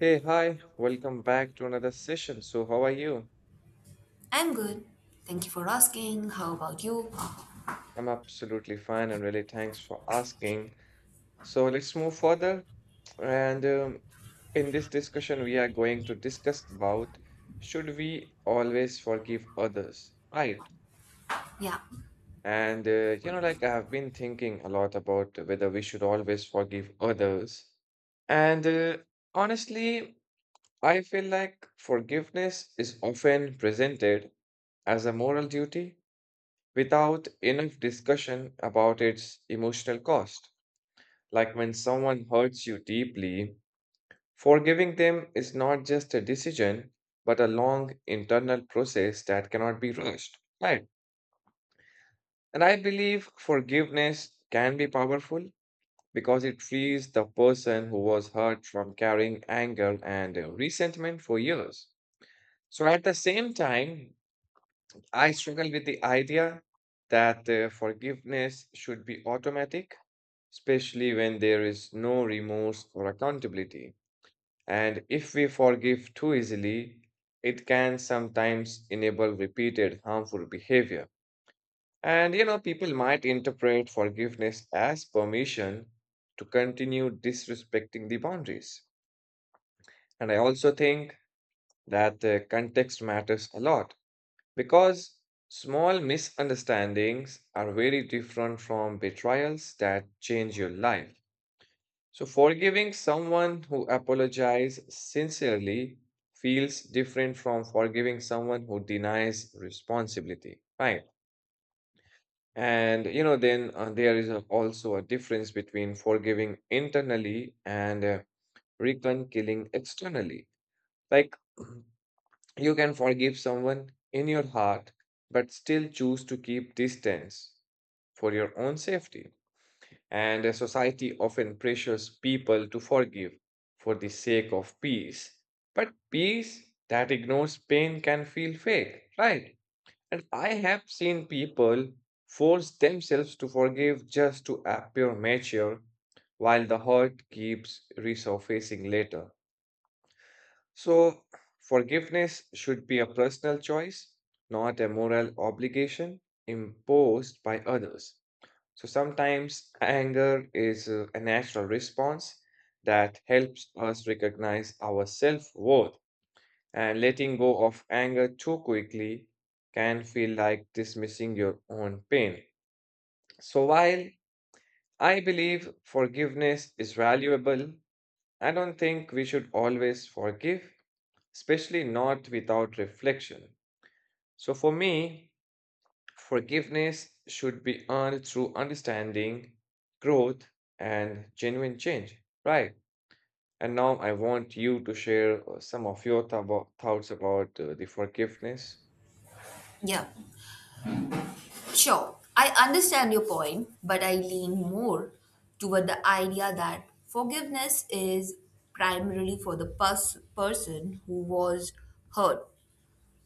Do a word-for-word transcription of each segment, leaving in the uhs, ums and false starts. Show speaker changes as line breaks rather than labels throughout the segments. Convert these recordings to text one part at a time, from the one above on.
Hey, hi, welcome back to another session. So, how are you?
I'm good. Thank you for asking. How about you?
I'm absolutely fine and really thanks for asking. So, let's move further. And um, In this discussion, we are going to discuss about should we always forgive others, right?
Yeah.
And uh, you know, like I have been thinking a lot about whether we should always forgive others. And uh, Honestly, I feel like forgiveness is often presented as a moral duty without enough discussion about its emotional cost. Like when someone hurts you deeply, forgiving them is not just a decision, but a long internal process that cannot be rushed. Right. And I believe forgiveness can be powerful because it frees the person who was hurt from carrying anger and uh, resentment for years. So at the same time, I struggle with the idea that uh, forgiveness should be automatic especially when there is no remorse or accountability. And if we forgive too easily, it can sometimes enable repeated harmful behavior. And you know, people might interpret forgiveness as permission to continue disrespecting the boundaries. And I also think that the context matters a lot because small misunderstandings are very different from betrayals that change your life. So, forgiving someone who apologizes sincerely feels different from forgiving someone who denies responsibility, right? And you know, then uh, there is a- also a difference between forgiving internally and uh, reconciling externally. Like, you can forgive someone in your heart, but still choose to keep distance for your own safety. And a society often pressures people to forgive for the sake of peace. But peace that ignores pain can feel fake, right? And I have seen people force themselves to forgive just to appear mature while the hurt keeps resurfacing later. So, forgiveness should be a personal choice, not a moral obligation imposed by others. So sometimes anger is uh, a natural response that helps us recognize our self-worth. And letting go of anger too quickly can feel like dismissing your own pain. So while I believe forgiveness is valuable, I don't think we should always forgive, especially not without reflection. So for me, forgiveness should be earned through understanding, growth, and genuine change. Right. And now I want you to share uh, some of your thou- thoughts about uh, the forgiveness.
Yeah. Sure. I understand your point, but I lean more toward the idea that forgiveness is primarily for the pers- person who was hurt,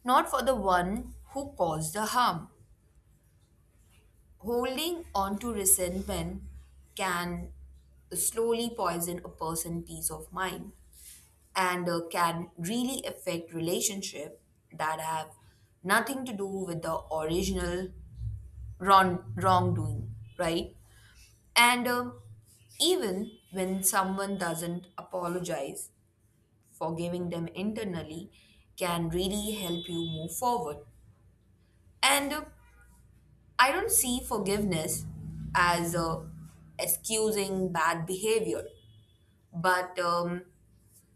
not for the one who caused the harm. Holding on to resentment can slowly poison a person's peace of mind and uh, can really affect relationship that have nothing to do with the original wrong, wrongdoing right. and um, Even when someone doesn't apologize, forgiving them internally can really help you move forward. And uh, i don't see forgiveness as uh, excusing bad behavior, but um,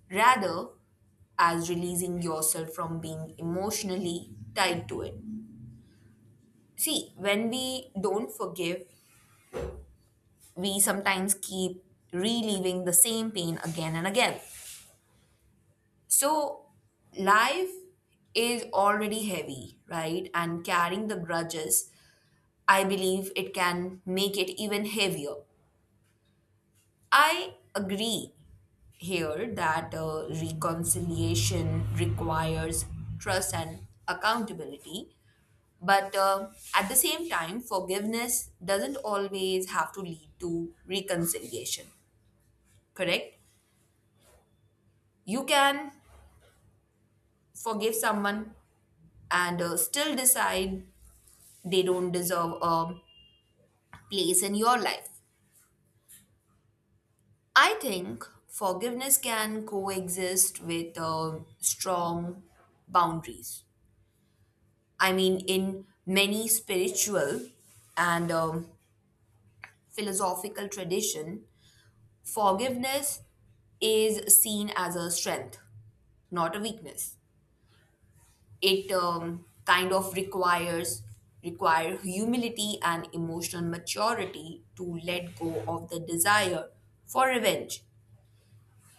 rather as releasing yourself from being emotionally tied to it. See, when we don't forgive, we sometimes keep reliving the same pain again and again. So, life is already heavy, right? And carrying the grudges, I believe it can make it even heavier. I agree here that uh, reconciliation requires trust and accountability. But uh, at the same time, forgiveness doesn't always have to lead to reconciliation, correct? You can forgive someone and uh, still decide they don't deserve a place in your life. I think forgiveness can coexist with uh, strong boundaries. I mean, in many spiritual and um, philosophical tradition, forgiveness is seen as a strength, not a weakness. It um, kind of requires require humility and emotional maturity to let go of the desire for revenge.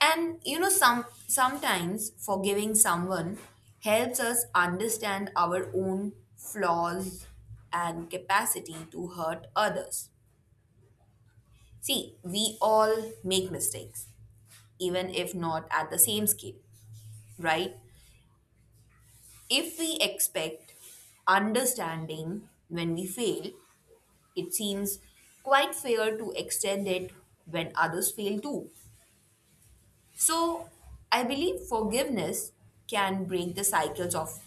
And you know, some sometimes forgiving someone helps us understand our own flaws and capacity to hurt others. See, we all make mistakes, even if not at the same scale, right? If we expect understanding when we fail, it seems quite fair to extend it when others fail too. So, I believe forgiveness can break the cycles of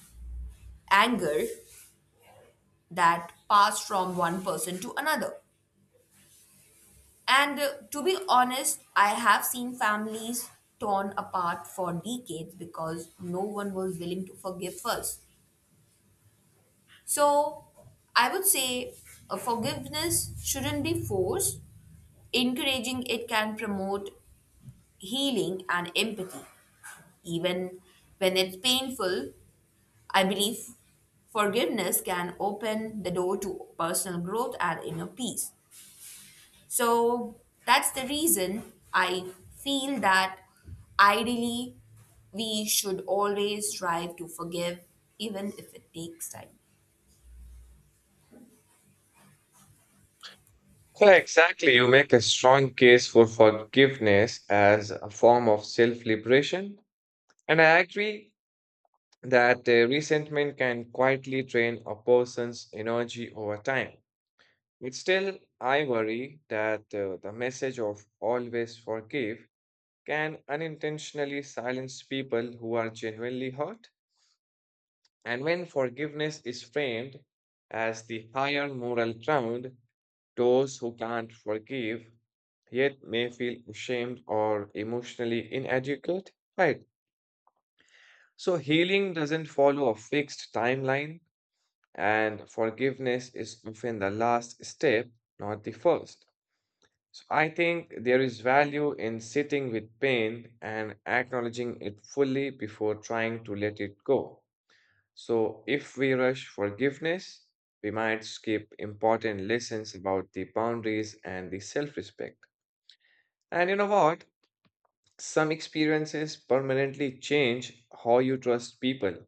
anger that pass from one person to another. And uh, To be honest, I have seen families torn apart for decades because no one was willing to forgive first. So I would say uh, forgiveness shouldn't be forced. Encouraging it can promote healing and empathy. Even when it's painful, I believe forgiveness can open the door to personal growth and inner peace. So that's the reason I feel that ideally we should always strive to forgive, even if it takes time.
Yeah, exactly. You make a strong case for forgiveness as a form of self liberation. And I agree that uh, resentment can quietly drain a person's energy over time. But still, I worry that uh, the message of always forgive can unintentionally silence people who are genuinely hurt. And when forgiveness is framed as the higher moral ground, those who can't forgive yet may feel ashamed or emotionally inadequate, right? So, healing doesn't follow a fixed timeline, and forgiveness is often the last step, not the first. So I think there is value in sitting with pain and acknowledging it fully before trying to let it go. So if we rush forgiveness, we might skip important lessons about the boundaries and the self respect. And you know what? Some experiences permanently change how you trust people,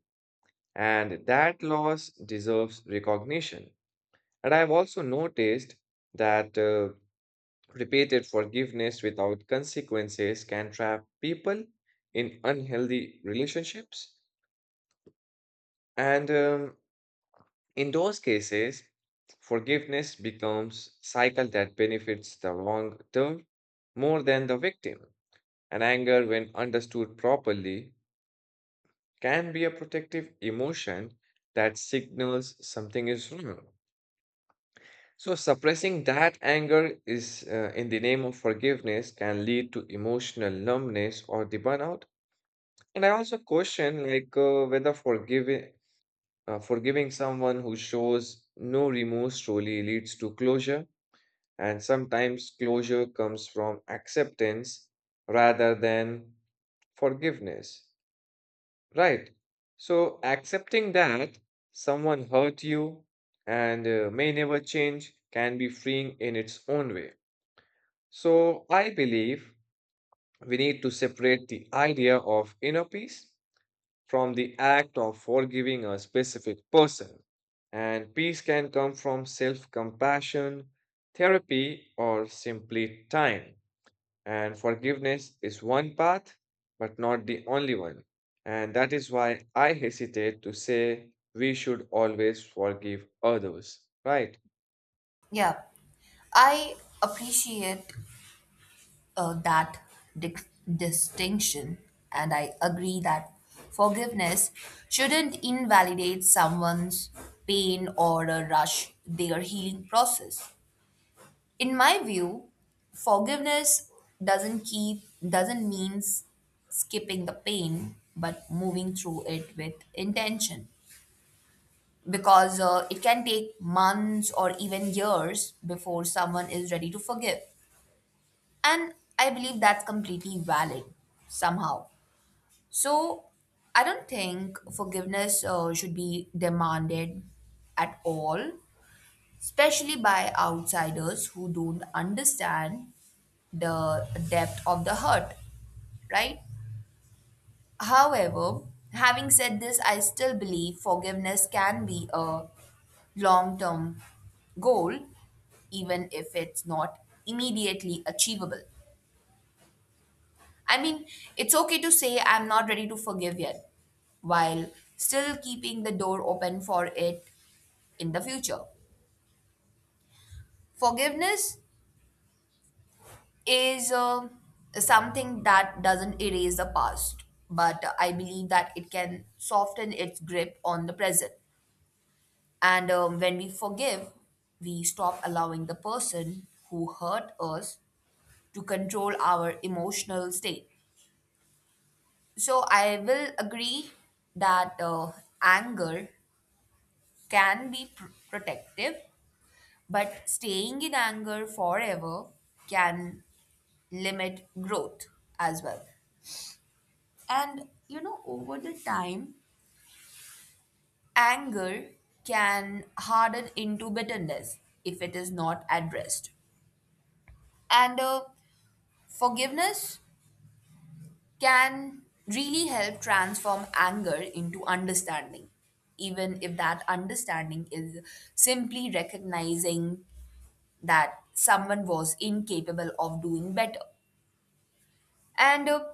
and that loss deserves recognition. And I've also noticed that uh, repeated forgiveness without consequences can trap people in unhealthy relationships. And um, in those cases, forgiveness becomes cycle that benefits the long term more than the victim. And anger, when understood properly, can be a protective emotion that signals something is wrong. So suppressing that anger is uh, in the name of forgiveness can lead to emotional numbness or the burnout. And I also question like uh, whether forgiving uh, forgiving someone who shows no remorse truly leads to closure. And sometimes closure comes from acceptance rather than forgiveness, right? So accepting that someone hurt you and uh, may never change can be freeing in its own way. So I believe we need to separate the idea of inner peace from the act of forgiving a specific person. And peace can come from self compassion, therapy, or simply time. And forgiveness is one path, but not the only one. And that is why I hesitate to say we should always forgive others, right?
Yeah, I appreciate uh, that dic- distinction, and I agree that forgiveness shouldn't invalidate someone's pain or uh, rush their healing process. In my view, forgiveness doesn't keep doesn't mean skipping the pain, but moving through it with intention. Because uh, it can take months or even years before someone is ready to forgive. And I believe that's completely valid somehow. So I don't think forgiveness uh, should be demanded at all, especially by outsiders who don't understand the depth of the hurt, right? However, having said this, I still believe forgiveness can be a long term goal, even if it's not immediately achievable. I mean, it's okay to say I'm not ready to forgive yet, while still keeping the door open for it in the future. Forgiveness is uh, something that doesn't erase the past, but I believe that it can soften its grip on the present. And um, When we forgive, we stop allowing the person who hurt us to control our emotional state. So I will agree that uh, anger can be pr- protective, but staying in anger forever can limit growth as well. And you know, over the time, anger can harden into bitterness if it is not addressed. And uh, Forgiveness can really help transform anger into understanding, even if that understanding is simply recognizing that someone was incapable of doing better. And uh,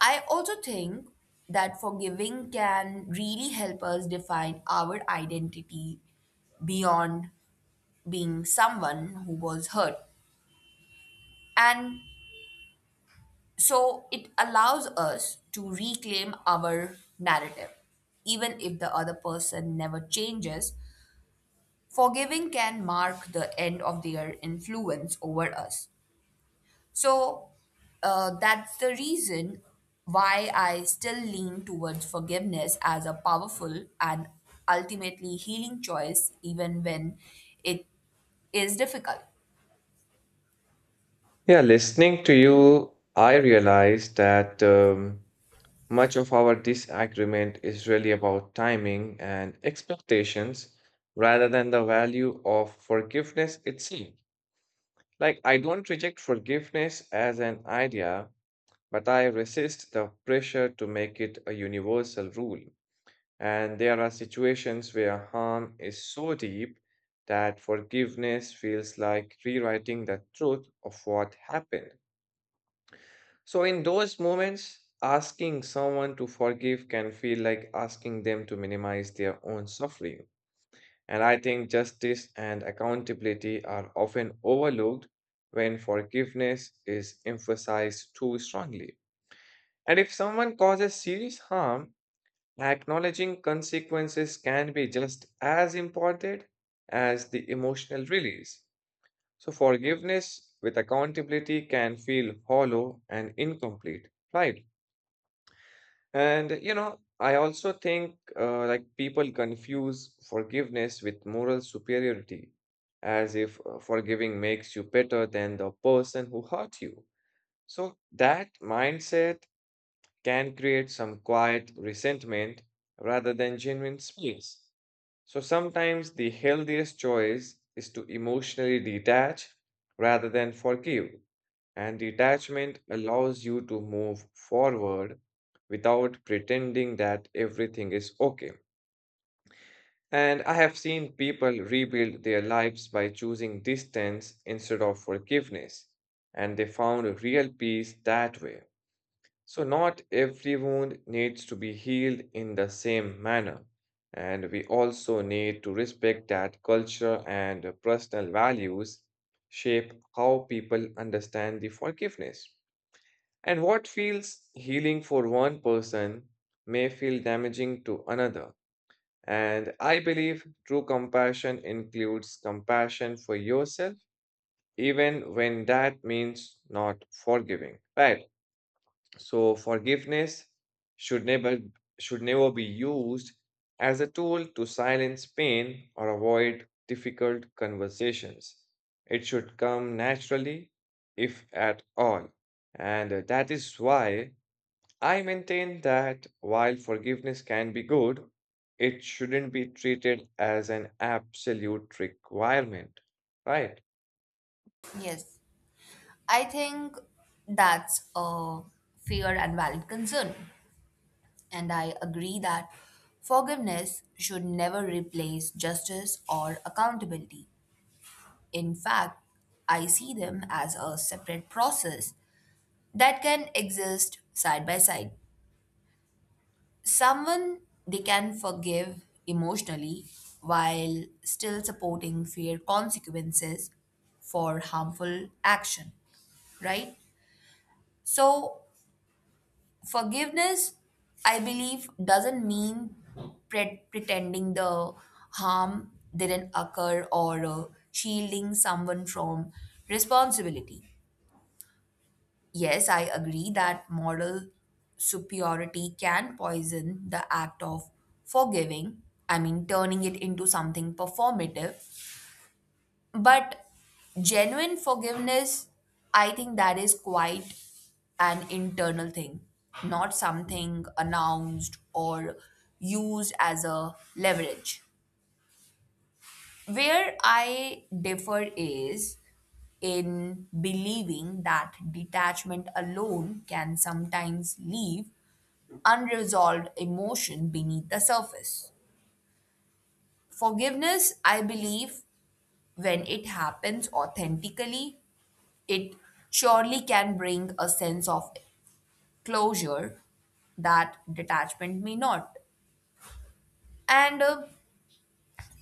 I also think that forgiving can really help us define our identity beyond being someone who was hurt. And so it allows us to reclaim our narrative. Even if the other person never changes, forgiving can mark the end of their influence over us. So uh, that's the reason why I still lean towards forgiveness as a powerful and ultimately healing choice, even when it is difficult.
Yeah, listening to you, I realized that. Um, Much of our disagreement is really about timing and expectations rather than the value of forgiveness itself. Like, I don't reject forgiveness as an idea, but I resist the pressure to make it a universal rule. And there are situations where harm is so deep that forgiveness feels like rewriting the truth of what happened. So, in those moments, asking someone to forgive can feel like asking them to minimize their own suffering. And I think justice and accountability are often overlooked when forgiveness is emphasized too strongly. And if someone causes serious harm, acknowledging consequences can be just as important as the emotional release. So, forgiveness with accountability can feel hollow and incomplete, right? And you know, I also think uh, like people confuse forgiveness with moral superiority, as if uh, forgiving makes you better than the person who hurt you. So that mindset can create some quiet resentment rather than genuine space. So sometimes the healthiest choice is to emotionally detach rather than forgive. And detachment allows you to move forward without pretending that everything is okay. And I have seen people rebuild their lives by choosing distance instead of forgiveness, and they found real peace that way. So, not every wound needs to be healed in the same manner. And we also need to respect that culture and personal values shape how people understand the forgiveness. And what feels healing for one person may feel damaging to another. And I believe true compassion includes compassion for yourself, even when that means not forgiving. Right. So forgiveness should never should never be used as a tool to silence pain or avoid difficult conversations. It should come naturally, if at all. And uh, that is why I maintain that while forgiveness can be good, it shouldn't be treated as an absolute requirement, right?
Yes, I think that's a fair and valid concern. And I agree that forgiveness should never replace justice or accountability. In fact, I see them as a separate process that can exist side by side. Someone, they can forgive emotionally while still supporting fair consequences for harmful action, right? So, forgiveness, I believe, doesn't mean pre- pretending the harm didn't occur or uh, shielding someone from responsibility. Yes, I agree that moral superiority can poison the act of forgiving, I mean, turning it into something performative. But genuine forgiveness, I think, that is quite an internal thing, not something announced or used as a leverage. Where I differ is in believing that detachment alone can sometimes leave unresolved emotion beneath the surface. Forgiveness, I believe, when it happens authentically, it surely can bring a sense of closure that detachment may not. And uh,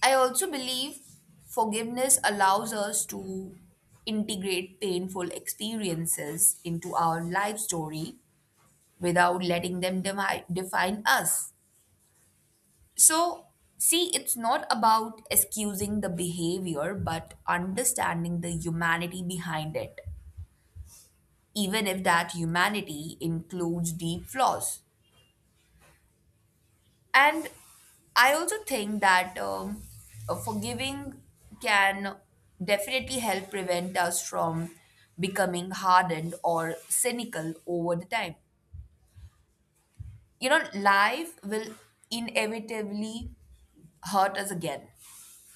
I also believe forgiveness allows us to integrate painful experiences into our life story without letting them demi- define us. So, see, it's not about excusing the behavior, but understanding the humanity behind it, even if that humanity includes deep flaws. And I also think that um, uh, forgiving can definitely help prevent us from becoming hardened or cynical over the time. You know, life will inevitably hurt us again.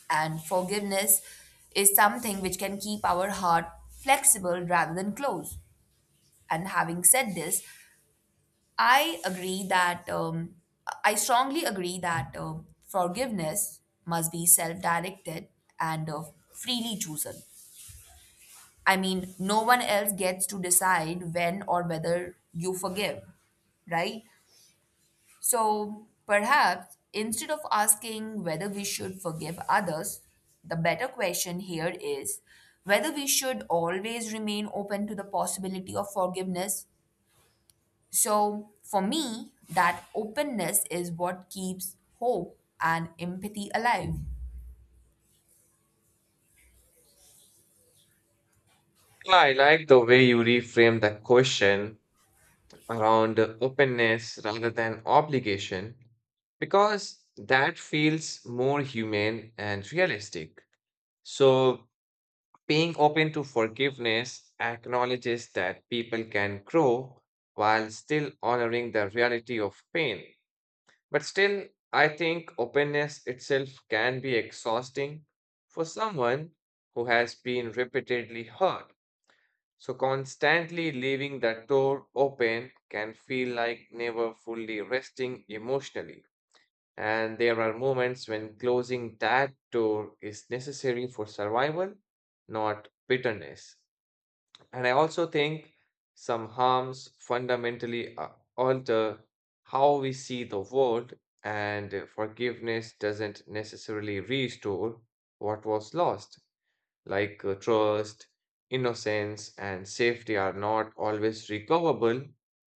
And forgiveness is something which can keep our heart flexible rather than closed. And having said this, I agree that um, I strongly agree that um, forgiveness must be self directed and uh, freely chosen. I mean, no one else gets to decide when or whether you forgive, right? So perhaps instead of asking whether we should forgive others, the better question here is whether we should always remain open to the possibility of forgiveness. So for me, that openness is what keeps hope and empathy alive.
I like the way you reframe the question around openness rather than obligation because that feels more humane and realistic. So, being open to forgiveness acknowledges that people can grow while still honoring the reality of pain. But still, I think openness itself can be exhausting for someone who has been repeatedly hurt. So, constantly leaving that door open can feel like never fully resting emotionally. And there are moments when closing that door is necessary for survival, not bitterness. And I also think some harms fundamentally a- alter how we see the world, and uh, forgiveness doesn't necessarily restore what was lost. Like uh, trust, innocence, and safety are not always recoverable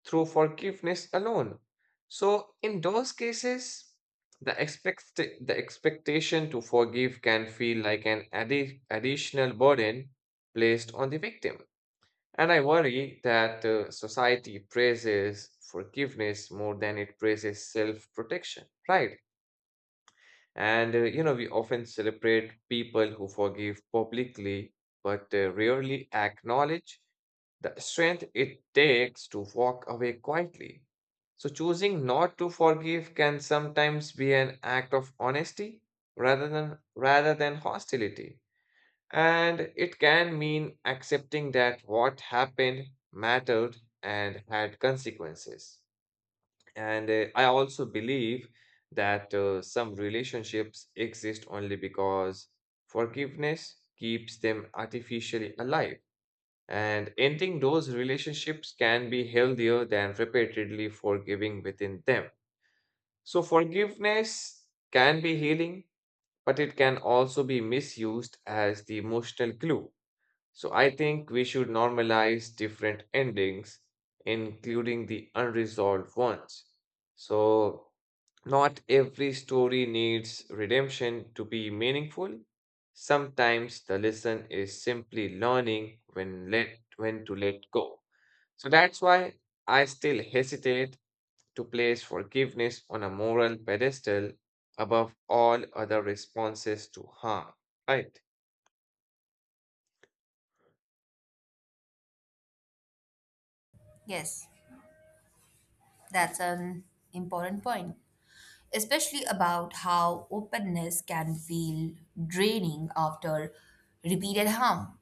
through forgiveness alone. So, in those cases, the, expect- the expectation to forgive can feel like an addi- additional burden placed on the victim. And I worry that uh, society praises forgiveness more than it praises self protection, right? And, uh, you know, we often celebrate people who forgive publicly, but uh, rarely acknowledge the strength it takes to walk away quietly. So, choosing not to forgive can sometimes be an act of honesty rather than, rather than hostility. And it can mean accepting that what happened mattered and had consequences. And uh, I also believe that uh, some relationships exist only because forgiveness keeps them artificially alive. And ending those relationships can be healthier than repeatedly forgiving within them. So, forgiveness can be healing, but it can also be misused as the emotional glue. So I think we should normalize different endings, including the unresolved ones. So not every story needs redemption to be meaningful. Sometimes the lesson is simply learning when let when to let go. So that's why I still hesitate to place forgiveness on a moral pedestal above all other responses to harm. Right?
Yes, that's an important point, especially about how openness can feel draining after repeated harm.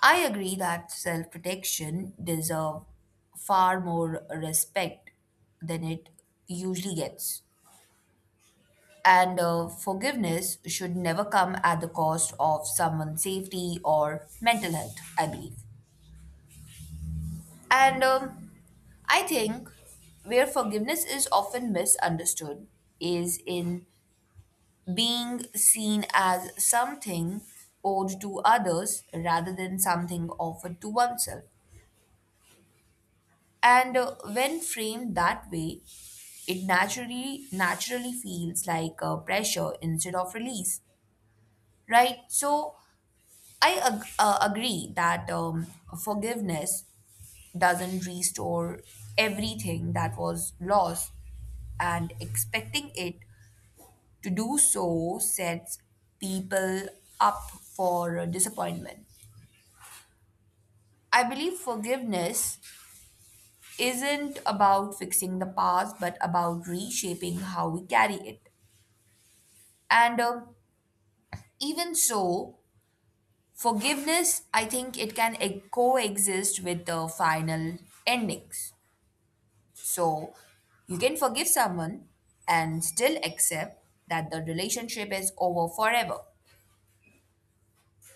I agree that self protection deserves far more respect than it usually gets. And uh, Forgiveness should never come at the cost of someone's safety or mental health, I believe. And um, I think where forgiveness is often misunderstood is in being seen as something owed to others rather than something offered to oneself. And uh, When framed that way, it naturally naturally feels like uh, pressure instead of release, right? So I ag- uh, agree that um, forgiveness doesn't restore everything that was lost, and expecting it to do so sets people up for uh, disappointment. I believe forgiveness isn't about fixing the past, but about reshaping how we carry it. And um, Even so, forgiveness, I think, it can e- coexist with the final endings. So you can forgive someone and still accept that the relationship is over forever.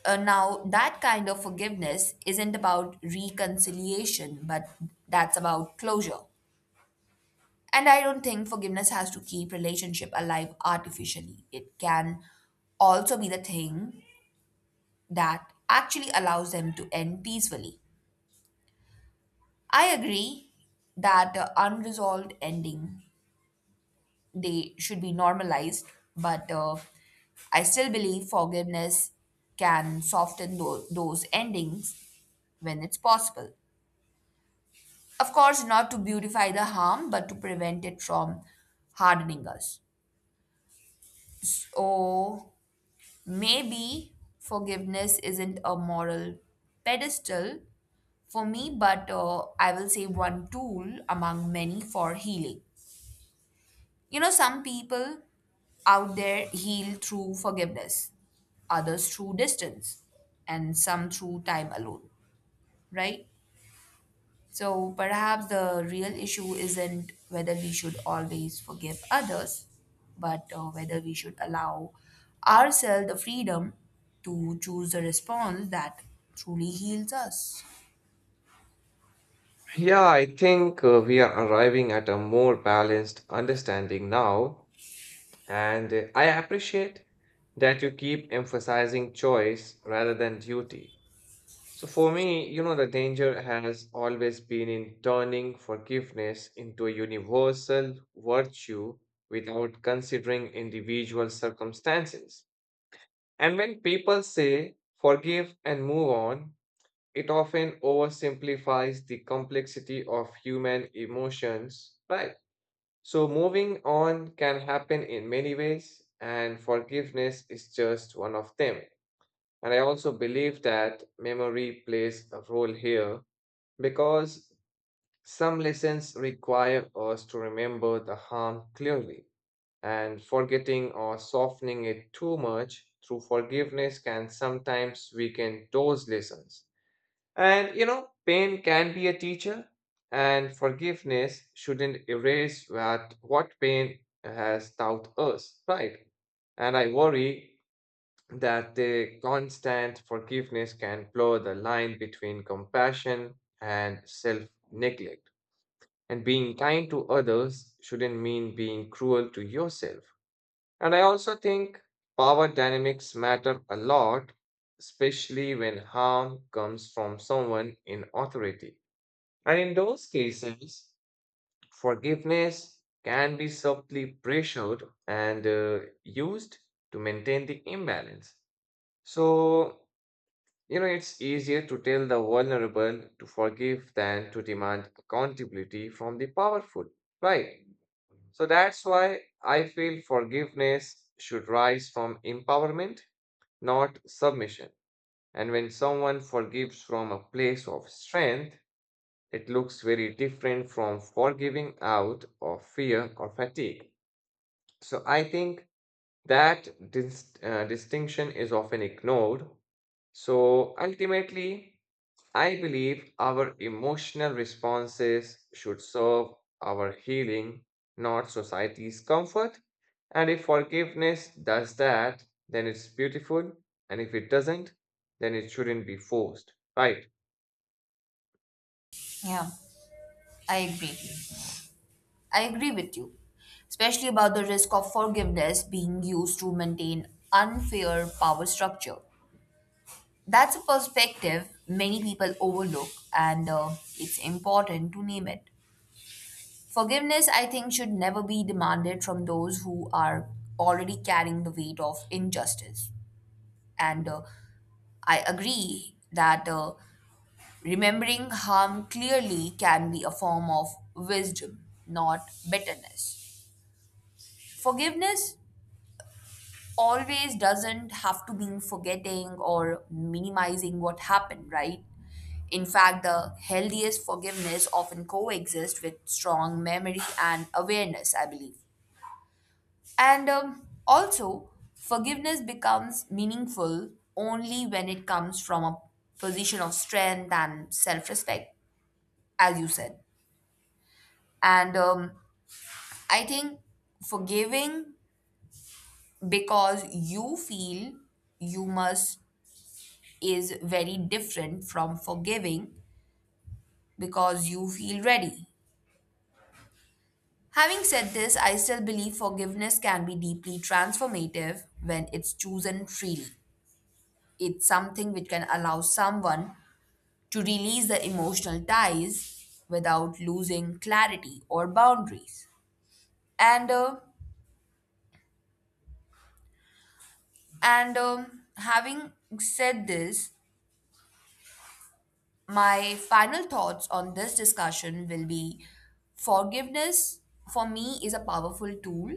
Uh, now, that kind of forgiveness isn't about reconciliation, but that's about closure. And I don't think forgiveness has to keep relationship alive artificially. It can also be the thing that actually allows them to end peacefully. I agree that uh, unresolved ending, they should be normalized, but uh, I still believe forgiveness can soften tho- those endings when it's possible. Of course, not to beautify the harm, but to prevent it from hardening us. So, maybe forgiveness isn't a moral pedestal for me, but uh, I will say one tool among many for healing. You know, some people out there heal through forgiveness, others through distance, and some through time alone, right? So perhaps the real issue isn't whether we should always forgive others, but uh, whether we should allow ourselves the freedom to choose a response that truly heals us.
Yeah, I think uh, we are arriving at a more balanced understanding now, and uh, I appreciate that you keep emphasizing choice rather than duty. So, for me, you know, the danger has always been in turning forgiveness into a universal virtue without considering individual circumstances. And when people say forgive and move on, it often oversimplifies the complexity of human emotions, right? So, moving on can happen in many ways, and forgiveness is just one of them. And I also believe that memory plays a role here because some lessons require us to remember the harm clearly, and forgetting or softening it too much through forgiveness can sometimes weaken those lessons. And you know, pain can be a teacher, and forgiveness shouldn't erase what, what pain has taught us, right? And I worry that the constant forgiveness can blur the line between compassion and self neglect. And being kind to others shouldn't mean being cruel to yourself. And I also think power dynamics matter a lot, especially when harm comes from someone in authority. And in those cases, forgiveness can be subtly pressured and uh, used to maintain the imbalance. So, you know, it's easier to tell the vulnerable to forgive than to demand accountability from the powerful, right? So that's why I feel forgiveness should rise from empowerment, not submission. And when someone forgives from a place of strength, it looks very different from forgiving out of fear or fatigue. So I think that dis- uh, distinction is often ignored. So ultimately, I believe our emotional responses should serve our healing, not society's comfort. And if forgiveness does that, then it's beautiful. And if it doesn't, then it shouldn't be forced, right?
Yeah, I agree. I agree with you, especially about the risk of forgiveness being used to maintain unfair power structure. That's a perspective many people overlook, and uh, it's important to name it. Forgiveness, I think, should never be demanded from those who are already carrying the weight of injustice. And uh, I agree that uh, remembering harm clearly can be a form of wisdom, not bitterness. Forgiveness always doesn't have to mean forgetting or minimizing what happened, right? In fact, the healthiest forgiveness often coexist with strong memory and awareness, I believe. And um, Also, forgiveness becomes meaningful only when it comes from a position of strength and self respect, as you said. And um, I think forgiving because you feel you must is very different from forgiving because you feel ready. Having said this, I still believe forgiveness can be deeply transformative when it's chosen freely. It's something which can allow someone to release the emotional ties without losing clarity or boundaries. And uh, and um, having said this, my final thoughts on this discussion will be forgiveness for me is a powerful tool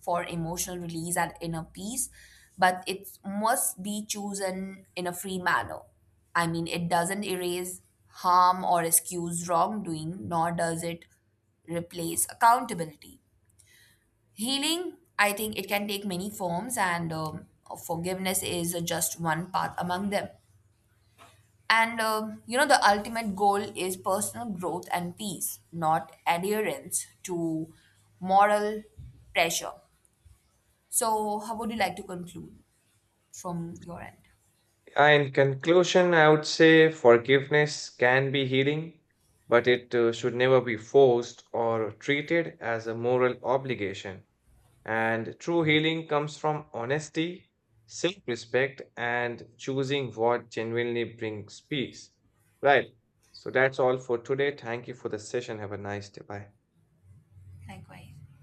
for emotional release and inner peace, but it must be chosen in a free manner. I mean, it doesn't erase harm or excuse wrongdoing, nor does it replace accountability. Healing, I think, it can take many forms, and um, forgiveness is just one path among them. And um, you know, the ultimate goal is personal growth and peace, not adherence to moral pressure. So, how would you like to conclude from your end?
Uh, In conclusion, I would say forgiveness can be healing, but it uh, should never be forced or treated as a moral obligation. And true healing comes from honesty, self respect, and choosing what genuinely brings peace. Right. So that's all for today. Thank you for the session. Have a nice day. Bye.
Likewise.